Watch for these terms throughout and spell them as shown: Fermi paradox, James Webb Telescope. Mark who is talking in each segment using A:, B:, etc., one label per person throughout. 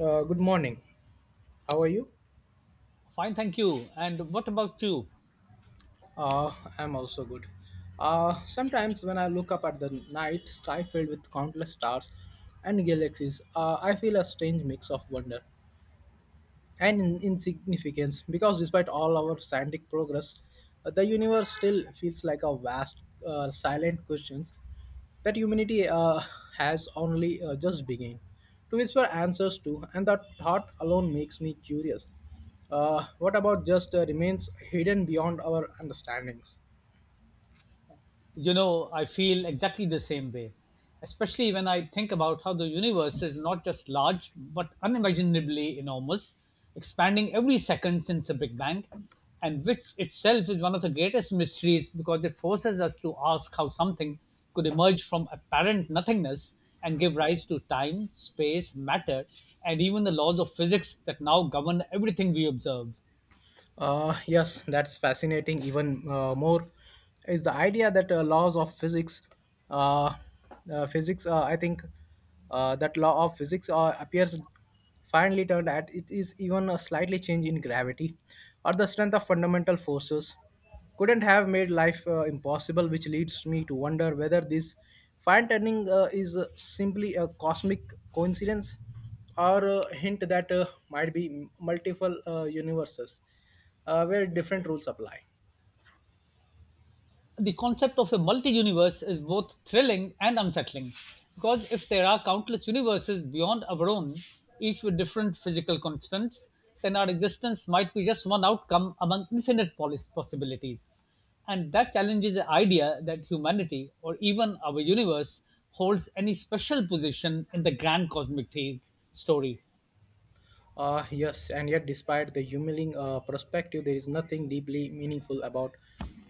A: Good morning. How are you?
B: Fine, thank you. And what about you?
A: Uh, I'm also good. Sometimes when I look up at the night sky filled with countless stars and galaxies, I feel a strange mix of wonder and insignificance, because despite all our scientific progress, the universe still feels like a vast, silent questions that humanity, has only just begun to whisper answers to, and that thought alone makes me curious what about just remains hidden beyond our understandings.
B: I feel exactly the same way, especially when I think about how the universe is not just large, but unimaginably enormous, expanding every second since the Big Bang, and which itself is one of the greatest mysteries, because it forces us to ask how something could emerge from apparent nothingness and give rise to time, space, matter, and even the laws of physics that now govern everything we observe.
A: Yes, that's fascinating. Even more is the idea that laws of physics, uh, physics. I think that law of physics appears finally turned at it is even a slightly change in gravity or the strength of fundamental forces couldn't have made life impossible, which leads me to wonder whether this fine tuning is simply a cosmic coincidence or a hint that might be multiple universes where different rules apply.
B: The concept of a multi-universe is both thrilling and unsettling, because if there are countless universes beyond our own, each with different physical constants, then our existence might be just one outcome among infinite possibilities, and that challenges the idea that humanity or even our universe holds any special position in the grand cosmic story.
A: Yes, and yet, despite the humiliating perspective, there is nothing deeply meaningful about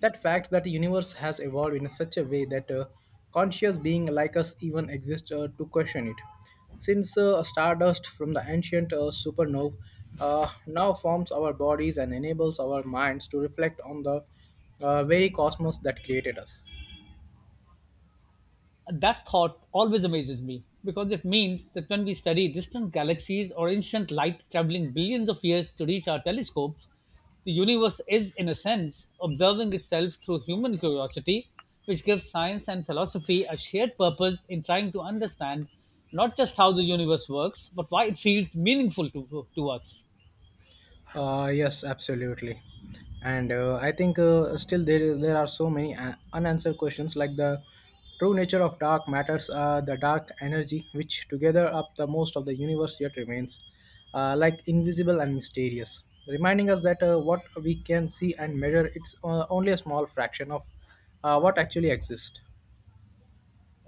A: that fact that the universe has evolved in such a way that conscious beings like us even exist to question it. Since stardust from the ancient supernova now forms our bodies and enables our minds to reflect on the very cosmos that created us.
B: That thought always amazes me, because it means that when we study distant galaxies or ancient light traveling billions of years to reach our telescopes, the universe is, in a sense, observing itself through human curiosity, which gives science and philosophy a shared purpose in trying to understand not just how the universe works, but why it feels meaningful to us.
A: Yes, absolutely. And I think still, there are so many unanswered questions, like the true nature of dark matters, the dark energy, which together up the most of the universe yet remains, like invisible and mysterious, reminding us that what we can see and measure it's only a small fraction of what actually exists.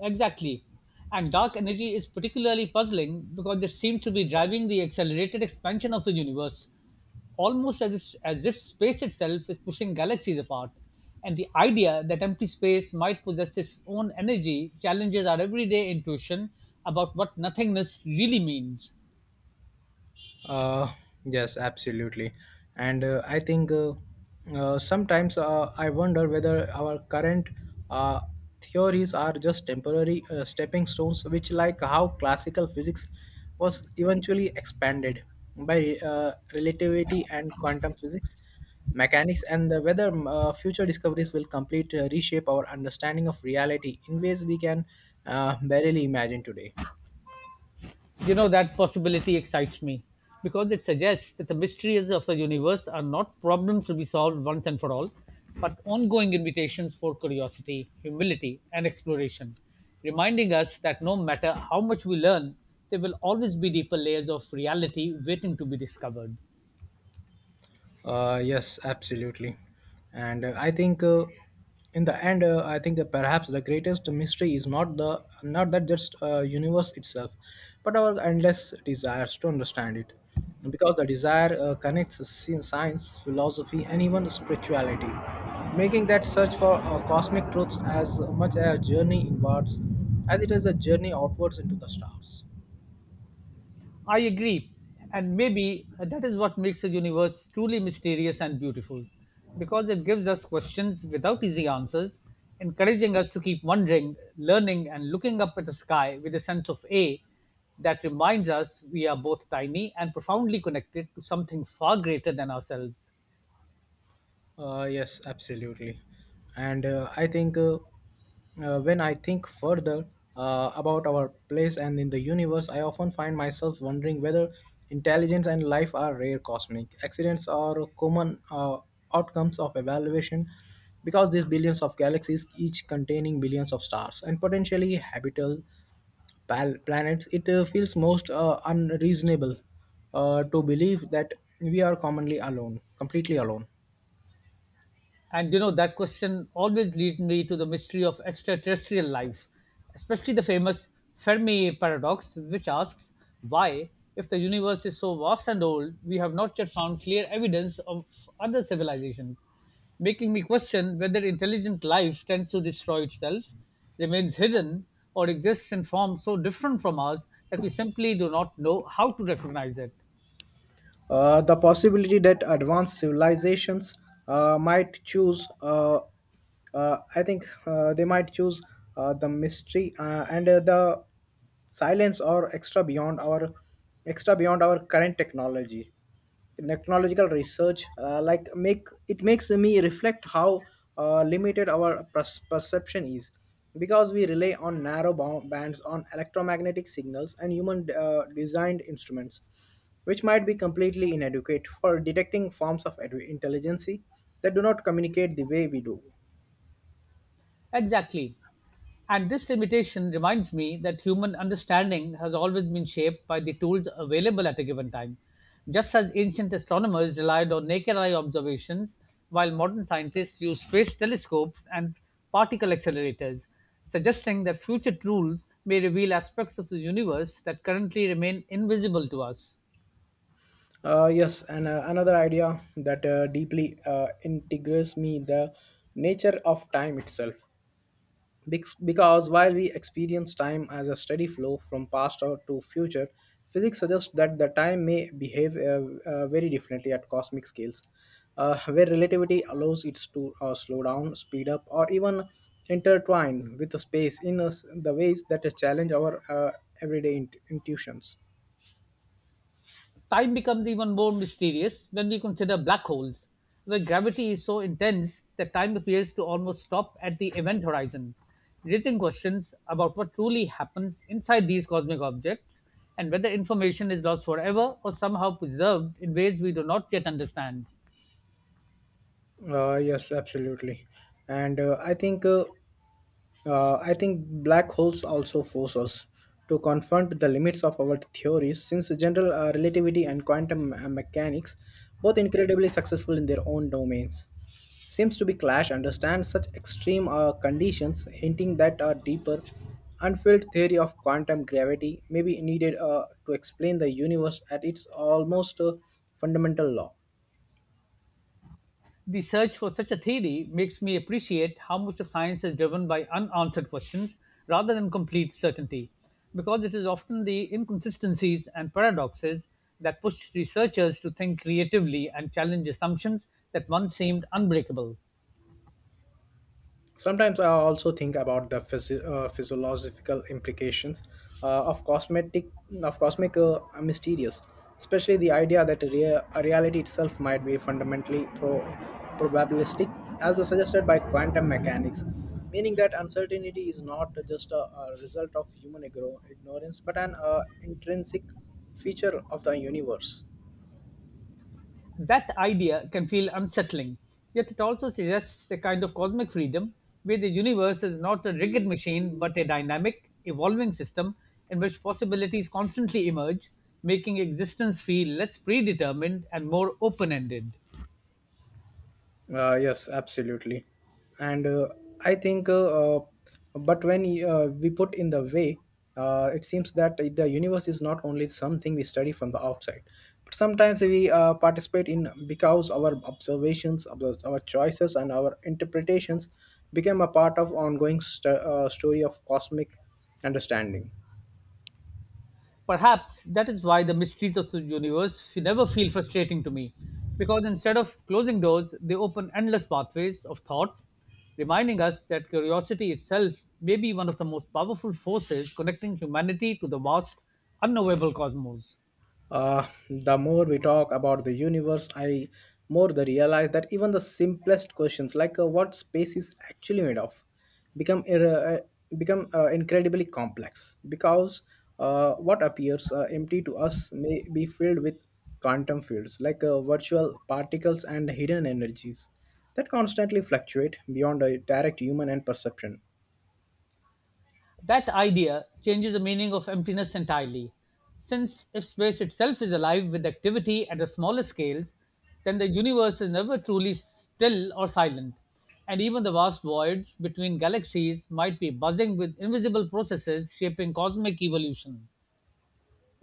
B: Exactly. And dark energy is particularly puzzling, because it seems to be driving the accelerated expansion of the universe, almost as if space itself is pushing galaxies apart. And the idea that empty space might possess its own energy challenges our everyday intuition about what nothingness really means.
A: Uh, yes, absolutely. And I think, sometimes I wonder whether our current uh, theories are just temporary stepping stones, which, like how classical physics was eventually expanded by relativity and quantum physics, mechanics, and the whether future discoveries will complete reshape our understanding of reality in ways we can barely imagine today.
B: That possibility excites me, because it suggests that the mysteries of the universe are not problems to be solved once and for all, but ongoing invitations for curiosity, humility, and exploration, reminding us that no matter how much we learn, there will always be deeper layers of reality waiting to be discovered.
A: Yes, absolutely. And I think, in the end, I think perhaps the greatest mystery is not the not that just universe itself, but our endless desires to understand it, because the desire connects science, philosophy, and even spirituality, making that search for cosmic truths as much a journey inwards as it is a journey outwards into the stars.
B: I agree. And maybe that is what makes the universe truly mysterious and beautiful, because it gives us questions without easy answers, encouraging us to keep wondering, learning, and looking up at the sky with a sense of A that reminds us we are both tiny and profoundly connected to something far greater than ourselves.
A: Yes, absolutely. And I think, when I think further about our place and in the universe, I often find myself wondering whether intelligence and life are rare cosmic accidents or common outcomes of evaluation, because these billions of galaxies, each containing billions of stars and potentially habitable planets, it feels most unreasonable to believe that we are commonly alone, completely alone.
B: And that question always leads me to the mystery of extraterrestrial life, especially the famous Fermi paradox, which asks why, if the universe is so vast and old, we have not yet found clear evidence of other civilizations, making me question whether intelligent life tends to destroy itself, remains hidden, or exists in forms so different from ours that we simply do not know how to recognize it.
A: The possibility that advanced civilizations uh, might choose, uh, I think they might choose the mystery and the silence, or extra beyond our current technology technological research, like makes me reflect how limited our perception is, because we rely on narrow bands on electromagnetic signals and human designed instruments, which might be completely inadequate for detecting forms of intelligence that do not communicate the way we do.
B: Exactly. And this limitation reminds me that human understanding has always been shaped by the tools available at a given time. Just as ancient astronomers relied on naked eye observations, while modern scientists use space telescopes and particle accelerators, suggesting that future tools may reveal aspects of the universe that currently remain invisible to us.
A: Yes, and another idea that deeply integrates me the nature of time itself. Because while we experience time as a steady flow from past or to future, physics suggests that the time may behave, very differently at cosmic scales, where relativity allows it to slow down, speed up, or even intertwine with the space in us the ways that challenge our everyday intuitions.
B: Time becomes even more mysterious when we consider black holes, where gravity is so intense that time appears to almost stop at the event horizon, raising questions about what truly happens inside these cosmic objects, and whether information is lost forever or somehow preserved in ways we do not yet understand.
A: Yes, absolutely. And I think, black holes also force us to confront the limits of our theories, since general relativity and quantum mechanics, both incredibly successful in their own domains, seems to be clash understand such extreme conditions, hinting that a deeper, unfilled theory of quantum gravity may be needed to explain the universe at its almost fundamental law.
B: The search for such a theory makes me appreciate how much of science is driven by unanswered questions rather than complete certainty, because it is often the inconsistencies and paradoxes that push researchers to think creatively and challenge assumptions that once seemed unbreakable.
A: Sometimes I also think about the physiological implications of cosmetic of cosmic mysterious, especially the idea that reality itself might be fundamentally probabilistic, as suggested by quantum mechanics, meaning that uncertainty is not just a result of human ignorance, but an intrinsic feature of the universe.
B: That idea can feel unsettling, yet it also suggests a kind of cosmic freedom, where the universe is not a rigid machine but a dynamic, evolving system in which possibilities constantly emerge, making existence feel less predetermined and more open ended.
A: Yes, absolutely. And I think, uh, uh, but when we put in the way, it seems that the universe is not only something we study from the outside, but sometimes we participate in, because our observations, our choices, and our interpretations become a part of ongoing story of cosmic understanding.
B: Perhaps that is why the mysteries of the universe never feel frustrating to me, because instead of closing doors, they open endless pathways of thought, reminding us that curiosity itself may be one of the most powerful forces connecting humanity to the vast, unknowable cosmos.
A: The more we talk about the universe, I more the realize that even the simplest questions, like what space is actually made of, become incredibly complex, because what appears empty to us may be filled with quantum fields, like virtual particles and hidden energies that constantly fluctuate beyond a direct human and perception.
B: That idea changes the meaning of emptiness entirely, since if space itself is alive with activity at the smaller scales, then the universe is never truly still or silent, and even the vast voids between galaxies might be buzzing with invisible processes shaping cosmic evolution.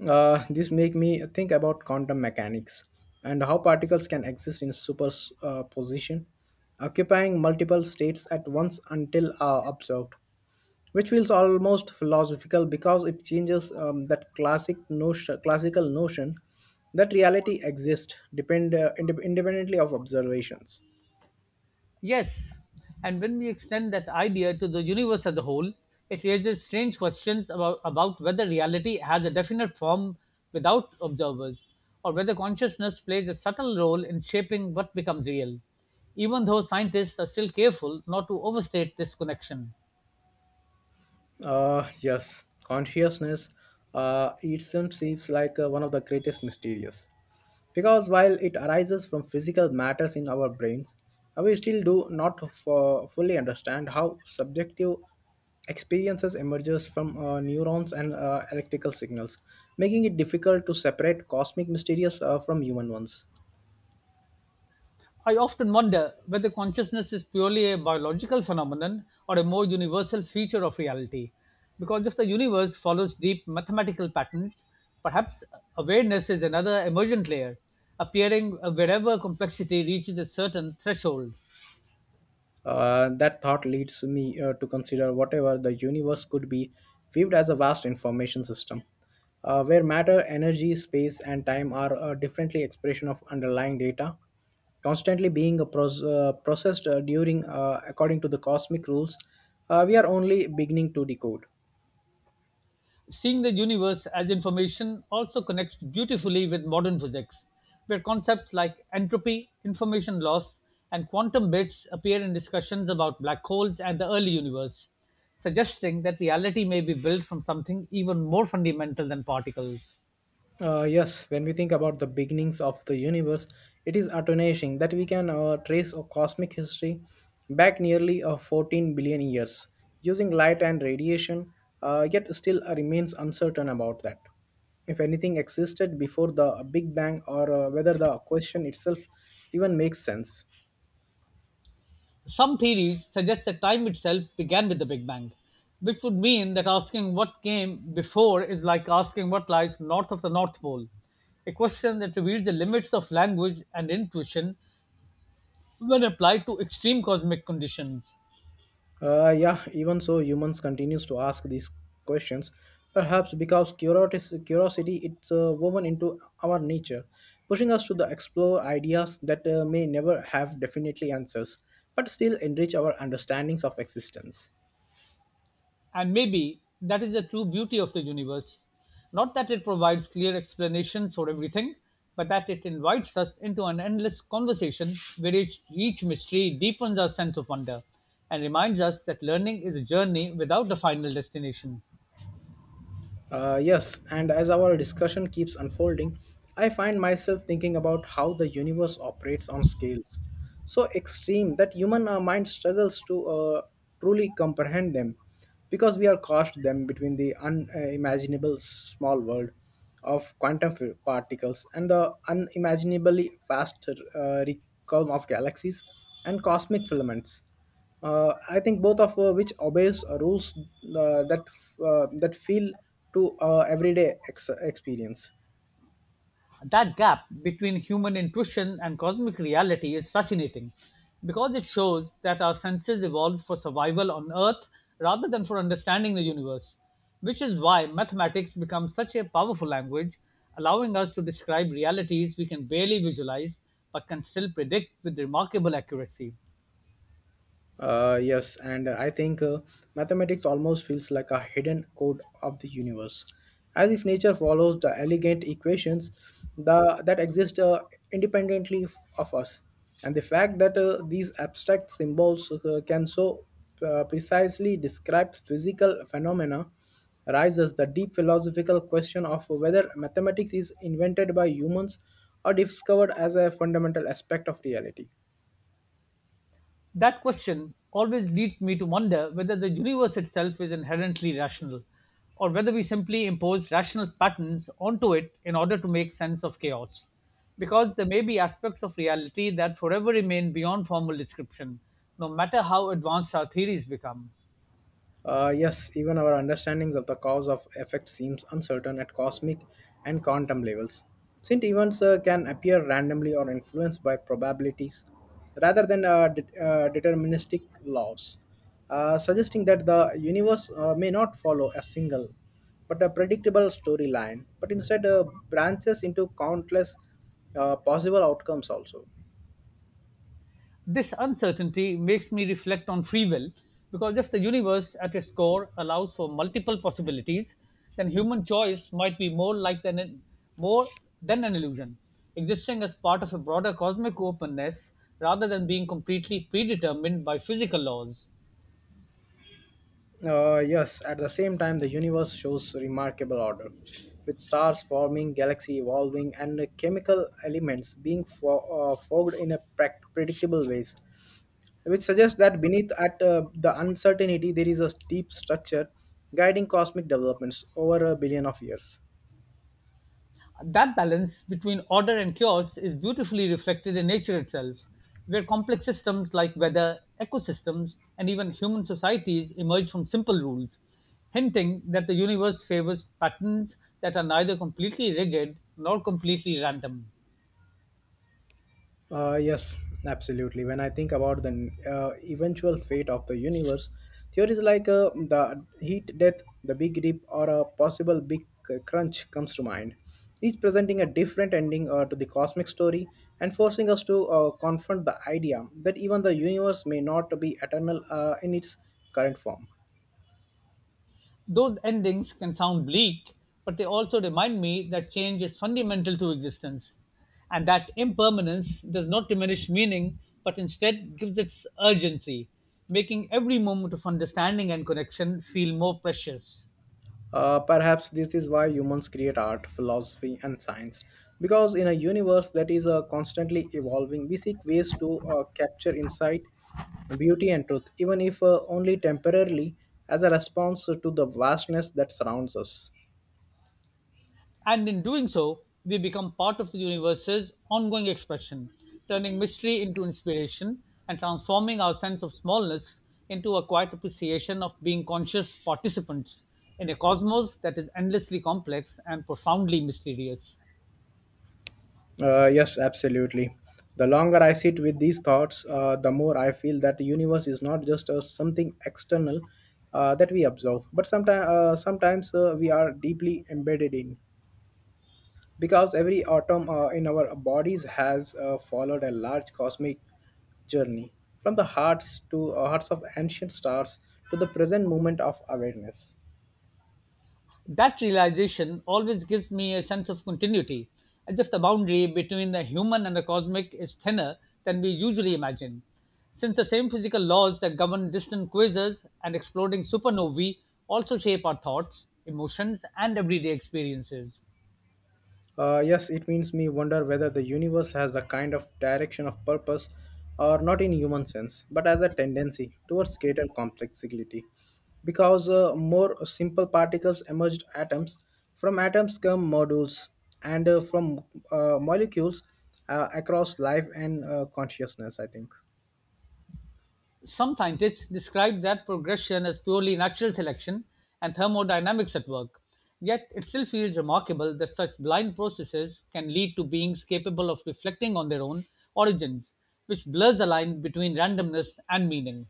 A: This make me think about quantum mechanics and how particles can exist in superposition, occupying multiple states at once until observed, which feels almost philosophical because it changes that classical notion that reality exists independently of observations.
B: Yes, and when we extend that idea to the universe as a whole, it raises strange questions about whether reality has a definite form without observers, or whether consciousness plays a subtle role in shaping what becomes real, even though scientists are still careful not to overstate this connection.
A: Yes, consciousness itself seems like one of the greatest mysteries. Because while it arises from physical matters in our brains, we still do not fully understand how subjective experiences emerges from neurons and electrical signals, making it difficult to separate cosmic mysteries from human ones.
B: I often wonder whether consciousness is purely a biological phenomenon or a more universal feature of reality. Because if the universe follows deep mathematical patterns, perhaps awareness is another emergent layer, appearing wherever complexity reaches a certain threshold.
A: That thought leads me to consider whatever the universe could be viewed as a vast information system, where matter, energy, space, and time are differently expression of underlying data, constantly being processed during according to the cosmic rules. We are only beginning to decode.
B: Seeing the universe as information also connects beautifully with modern physics, where concepts like entropy, information loss, and quantum bits appear in discussions about black holes and the early universe, suggesting that reality may be built from something even more fundamental than particles.
A: Yes, when we think about the beginnings of the universe, it is astonishing that we can trace a cosmic history back nearly 14 billion years using light and radiation, yet still remains uncertain about that, if anything existed before the Big Bang, or whether the question itself even makes sense.
B: Some theories suggest that time itself began with the Big Bang, which would mean that asking what came before is like asking what lies north of the North Pole, a question that reveals the limits of language and intuition when applied to extreme cosmic conditions.
A: Yeah, even so, humans continues to ask these questions, perhaps because curiosity it's woven into our nature, pushing us to the explore ideas that may never have definitely answers, but still enrich our understandings of existence.
B: And maybe that is the true beauty of the universe. Not that it provides clear explanations for everything, but that it invites us into an endless conversation where each mystery deepens our sense of wonder and reminds us that learning is a journey without a final destination.
A: Yes, and as our discussion keeps unfolding, I find myself thinking about how the universe operates on scales so extreme that human mind struggles to truly comprehend them, because we are caught them between the unimaginable small world of quantum particles and the unimaginably vast uh, realm of galaxies and cosmic filaments. I think both of which obeys rules that feel to everyday experience.
B: That gap between human intuition and cosmic reality is fascinating, because it shows that our senses evolved for survival on Earth rather than for understanding the universe, which is why mathematics becomes such a powerful language, allowing us to describe realities we can barely visualize but can still predict with remarkable accuracy.
A: Yes, and I think mathematics almost feels like a hidden code of the universe, as if nature follows the elegant equations that exist independently of us. And the fact that these abstract symbols can so precisely describe physical phenomena raises the deep philosophical question of whether mathematics is invented by humans or discovered as a fundamental aspect of reality.
B: That question always leads me to wonder whether the universe itself is inherently rational, or whether we simply impose rational patterns onto it in order to make sense of chaos. Because there may be aspects of reality that forever remain beyond formal description, no matter how advanced our theories become.
A: Yes, even our understandings of the cause of effect seems uncertain at cosmic and quantum levels, since events can appear randomly or influenced by probabilities rather than deterministic laws, suggesting that the universe may not follow a single but a predictable storyline, but instead branches into countless possible outcomes also.
B: This uncertainty makes me reflect on free will, because if the universe at its core allows for multiple possibilities, then human choice might be more than an illusion, existing as part of a broader cosmic openness rather than being completely predetermined by physical laws.
A: Yes, at the same time, the universe shows remarkable order, with stars forming, galaxy evolving, and chemical elements being forged in a predictable ways, which suggests that beneath at the uncertainty there is a deep structure guiding cosmic developments over a billion of years.
B: That balance between order and chaos is beautifully reflected in nature itself, where complex systems like weather, ecosystems, and even human societies emerge from simple rules, hinting that the universe favors patterns that are neither completely rigid nor completely random.
A: Yes, absolutely. When I think about the eventual fate of the universe, theories like the heat death, the big rip, or a possible big crunch comes to mind, each presenting a different ending to the cosmic story, and forcing us to confront the idea that even the universe may not be eternal in its current form.
B: Those endings can sound bleak, but they also remind me that change is fundamental to existence, and that impermanence does not diminish meaning but instead gives it urgency, making every moment of understanding and connection feel more precious.
A: Perhaps this is why humans create art, philosophy, and science. Because in a universe that is constantly evolving, we seek ways to capture insight, beauty, and truth, even if only temporarily, as a response to the vastness that surrounds us.
B: And in doing so, we become part of the universe's ongoing expression, turning mystery into inspiration and transforming our sense of smallness into a quiet appreciation of being conscious participants in a cosmos that is endlessly complex and profoundly mysterious.
A: Yes, absolutely. The longer I sit with these thoughts, the more I feel that the universe is not just something external that we observe, but sometimes we are deeply embedded in. Because every atom in our bodies has followed a large cosmic journey from the hearts of ancient stars to the present moment of awareness.
B: That realization always gives me a sense of continuity, as if the boundary between the human and the cosmic is thinner than we usually imagine, since the same physical laws that govern distant quasars and exploding supernovae also shape our thoughts, emotions, and everyday experiences.
A: Yes, it means me wonder whether the universe has the kind of direction of purpose or not in human sense, but as a tendency towards greater complexity. Because more simple particles emerged atoms, from atoms come modules, and from molecules across life and consciousness, I think.
B: Some scientists describe that progression as purely natural selection and thermodynamics at work. Yet it still feels remarkable that such blind processes can lead to beings capable of reflecting on their own origins, which blurs the line between randomness and meaning.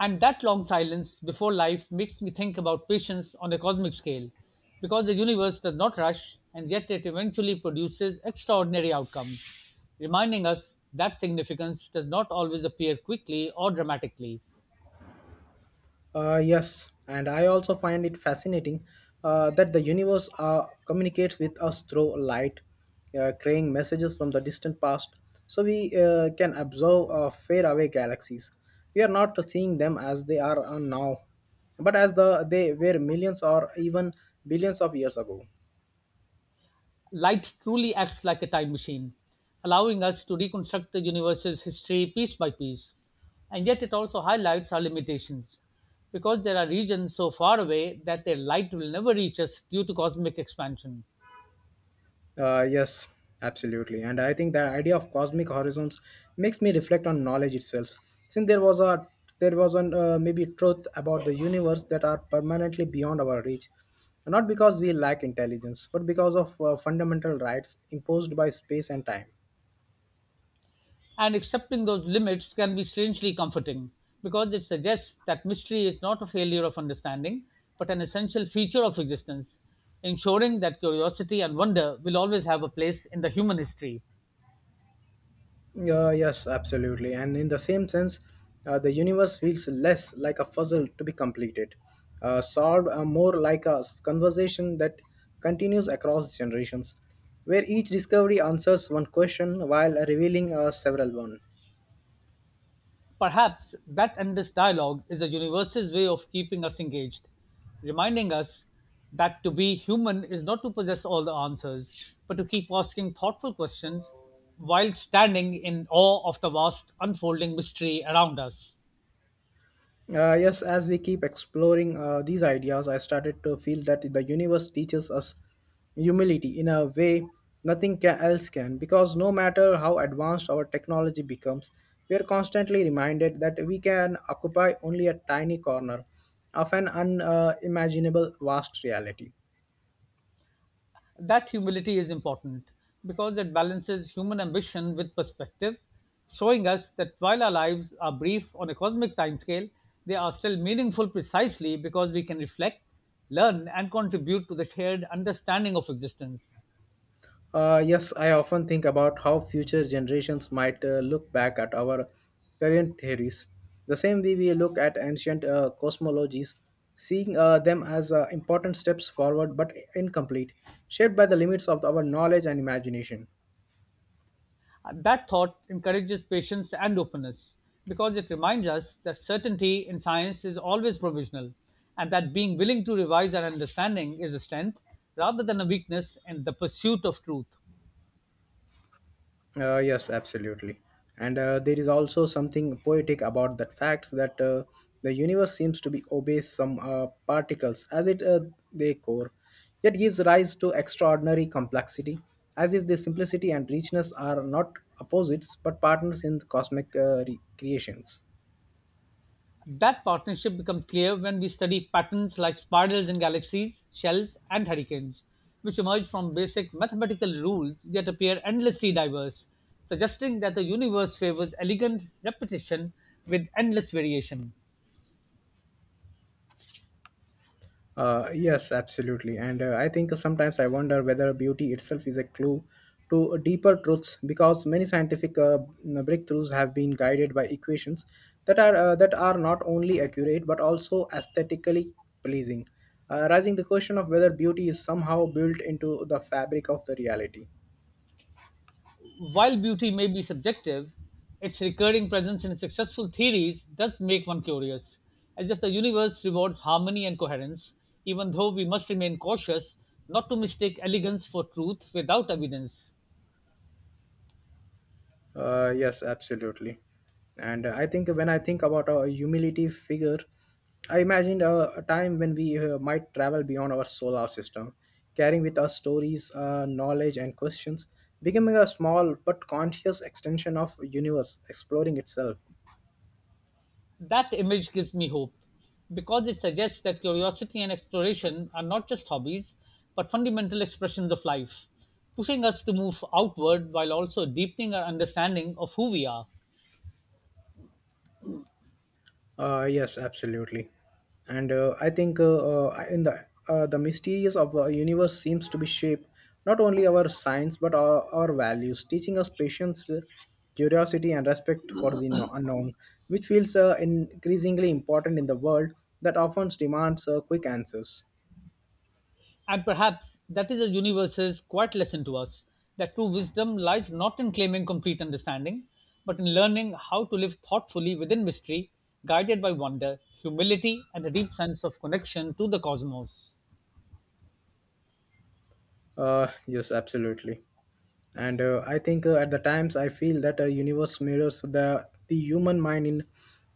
B: And that long silence before life makes me think about patience on a cosmic scale, because the universe does not rush, and yet it eventually produces extraordinary outcomes, reminding us that significance does not always appear quickly or dramatically.
A: Yes, and I also find it fascinating that the universe communicates with us through light, carrying messages from the distant past, so we can observe faraway galaxies. We are not seeing them as they are now, but as the they were millions or even billions of years ago.
B: Light truly acts like a time machine, allowing us to reconstruct the universe's history piece by piece. And yet it also highlights our limitations, because there are regions so far away that their light will never reach us due to cosmic expansion.
A: Yes, absolutely. And I think the idea of cosmic horizons makes me reflect on knowledge itself. Since there was an maybe truth about the universe that are permanently beyond our reach, not because we lack intelligence, but because of fundamental rights imposed by space and time.
B: And accepting those limits can be strangely comforting, because it suggests that mystery is not a failure of understanding, but an essential feature of existence, ensuring that curiosity and wonder will always have a place in the human history.
A: Yes, absolutely. And in the same sense, the universe feels less like a puzzle to be completed, solved more like conversation that continues across generations, where each discovery answers one question while revealing several one.
B: Perhaps that endless dialogue is the universe's way of keeping us engaged, reminding us that to be human is not to possess all the answers, but to keep asking thoughtful questions while standing in awe of the vast unfolding mystery around us.
A: Yes, as we keep exploring these ideas, I started to feel that the universe teaches us humility in a way nothing else can, because no matter how advanced our technology becomes, we are constantly reminded that we can occupy only a tiny corner of an unimaginable imaginable vast reality.
B: That humility is important, because it balances human ambition with perspective, showing us that while our lives are brief on a cosmic timescale, they are still meaningful precisely because we can reflect, learn, and contribute to the shared understanding of existence.
A: Yes, I often think about how future generations might look back at our current theories. The same way we look at ancient cosmologies, seeing them as important steps forward but incomplete, shaped by the limits of our knowledge and imagination.
B: That thought encourages patience and openness because it reminds us that certainty in science is always provisional and that being willing to revise our understanding is a strength rather than a weakness in the pursuit of truth.
A: Yes, absolutely. And there is also something poetic about that fact that the universe seems to be obeys some particles as it they core, yet gives rise to extraordinary complexity, as if the simplicity and richness are not opposites but partners in cosmic creations.
B: That partnership becomes clear when we study patterns like spirals in galaxies, shells, and hurricanes, which emerge from basic mathematical rules yet appear endlessly diverse, suggesting that the universe favors elegant repetition with endless variation.
A: Yes, absolutely. And I think sometimes I wonder whether beauty itself is a clue to deeper truths because many scientific breakthroughs have been guided by equations that are not only accurate but also aesthetically pleasing, raising the question of whether beauty is somehow built into the fabric of the reality.
B: While beauty may be subjective, its recurring presence in successful theories does make one curious, as if the universe rewards harmony and coherence, even though we must remain cautious not to mistake elegance for truth without evidence.
A: Yes, absolutely. And I think when I think about a humility figure, I imagined a time when we might travel beyond our solar system, carrying with us stories, knowledge, and questions, becoming a small but conscious extension of universe, exploring itself.
B: That image gives me hope because it suggests that curiosity and exploration are not just hobbies but fundamental expressions of life, pushing us to move outward while also deepening our understanding of who we are.
A: Yes, absolutely, and in the mysteries of the universe seems to be shaped not only our science but our values, teaching us patience, curiosity, and respect for the unknown, which feels increasingly important in the world that often demands quick answers.
B: And perhaps that is the universe's quiet lesson to us, that true wisdom lies not in claiming complete understanding, but in learning how to live thoughtfully within mystery, guided by wonder, humility, and a deep sense of connection to the cosmos.
A: Yes, absolutely. And I think at the times I feel that a universe mirrors the human mind in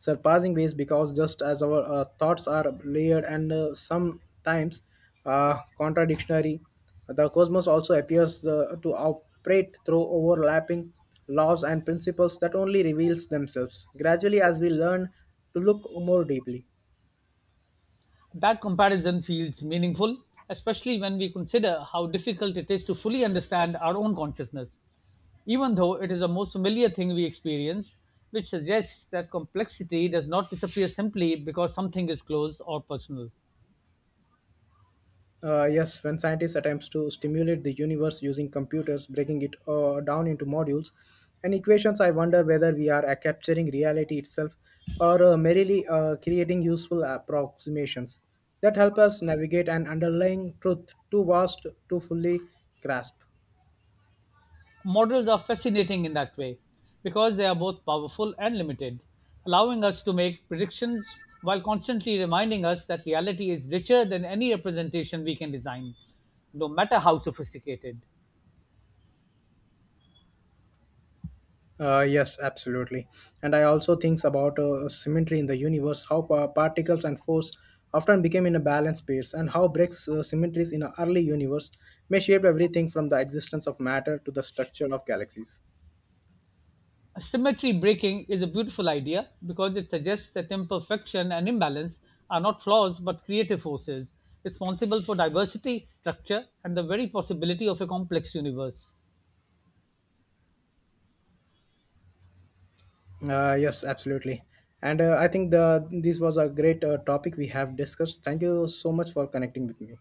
A: surpassing ways because just as our thoughts are layered and sometimes contradictory, the cosmos also appears to operate through overlapping laws and principles that only reveals themselves gradually as we learn to look more deeply.
B: That comparison feels meaningful, especially when we consider how difficult it is to fully understand our own consciousness, even though it is the most familiar thing we experience, which suggests that complexity does not disappear simply because something is closed or personal.
A: Yes, when scientists attempts to stimulate the universe using computers, breaking it down into modules and equations, I wonder whether we are capturing reality itself or merely creating useful approximations that help us navigate an underlying truth too vast to fully grasp.
B: Models are fascinating in that way because they are both powerful and limited, allowing us to make predictions while constantly reminding us that reality is richer than any representation we can design, no matter how sophisticated.
A: Yes, absolutely. And I also think about symmetry in the universe, how particles and force often became in a balanced space, and how breaks symmetries in an early universe may shape everything from the existence of matter to the structure of galaxies.
B: Symmetry breaking is a beautiful idea because it suggests that imperfection and imbalance are not flaws but creative forces responsible for diversity, structure, and the very possibility of a complex universe.
A: Yes, absolutely. And I think the this was a great topic we have discussed. Thank you so much for connecting with me.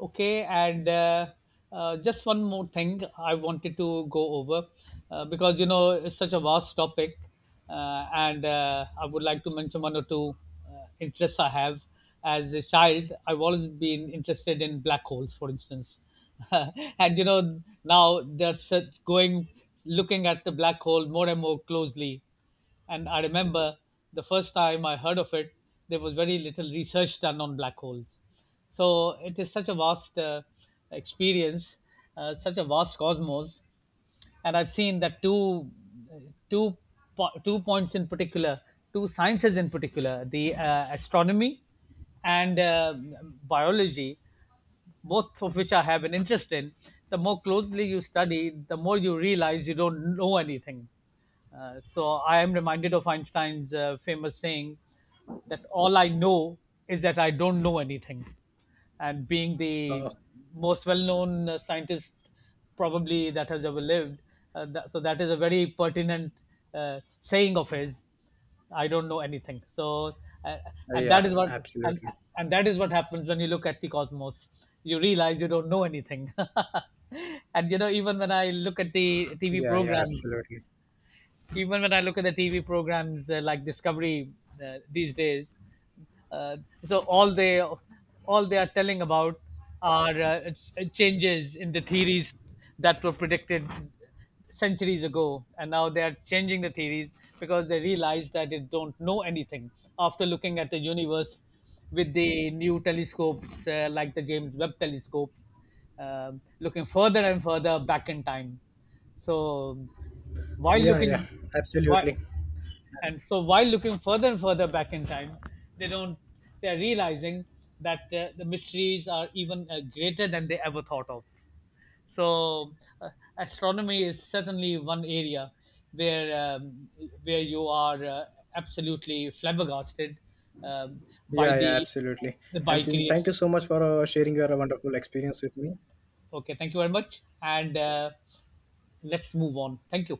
B: Okay, and just one more thing I wanted to go over, because you know it's such a vast topic. And I would like to mention one or two interests I have. As a child, I've always been interested in black holes, for instance. And you know, now they're such going, looking at the black hole more and more closely. And I remember the first time I heard of it, there was very little research done on black holes. So it is such a vast experience, such a vast cosmos. And I've seen that two, two, two points in particular, two sciences in particular, the astronomy and biology, both of which I have an interest in. The more closely you study, the more you realize you don't know anything. So I am reminded of Einstein's famous saying, that all I know is that I don't know anything. And being the
A: Oh,
B: most well known scientist probably that has ever lived, so that is a very pertinent saying of his. I don't know anything. Uh, and
A: yeah,
B: that is what, and
A: absolutely.
B: and that is what happens when you look at the cosmos. You realize you don't know anything. And you know, even when I look at the TV
A: Yeah, yeah,
B: programs,
A: absolutely.
B: even when I look at the TV programs like Discovery these days. uh, so all they all they are telling about are changes in the theories that were predicted centuries ago, and now they are changing the theories because they realize that they don't know anything after looking at the universe with the new telescopes, like the James Webb Telescope, looking further and further back in time. So, while
A: Yeah,
B: looking
A: yeah,
B: why
A: absolutely.
B: and so while looking further and further back in time, they don't they're realizing that the mysteries are even greater than they ever thought of. so uh, Astronomy is certainly one area where, where you are absolutely flabbergasted, um, by
A: Yeah, yeah,
B: the,
A: absolutely. And
B: by
A: then thank you
B: creation.
A: so much for sharing your wonderful experience with me.
B: Okay, thank you very much, and let's move on. Thank you.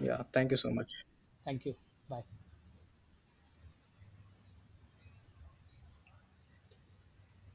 A: Yeah, thank you so much.
B: Thank you. Bye.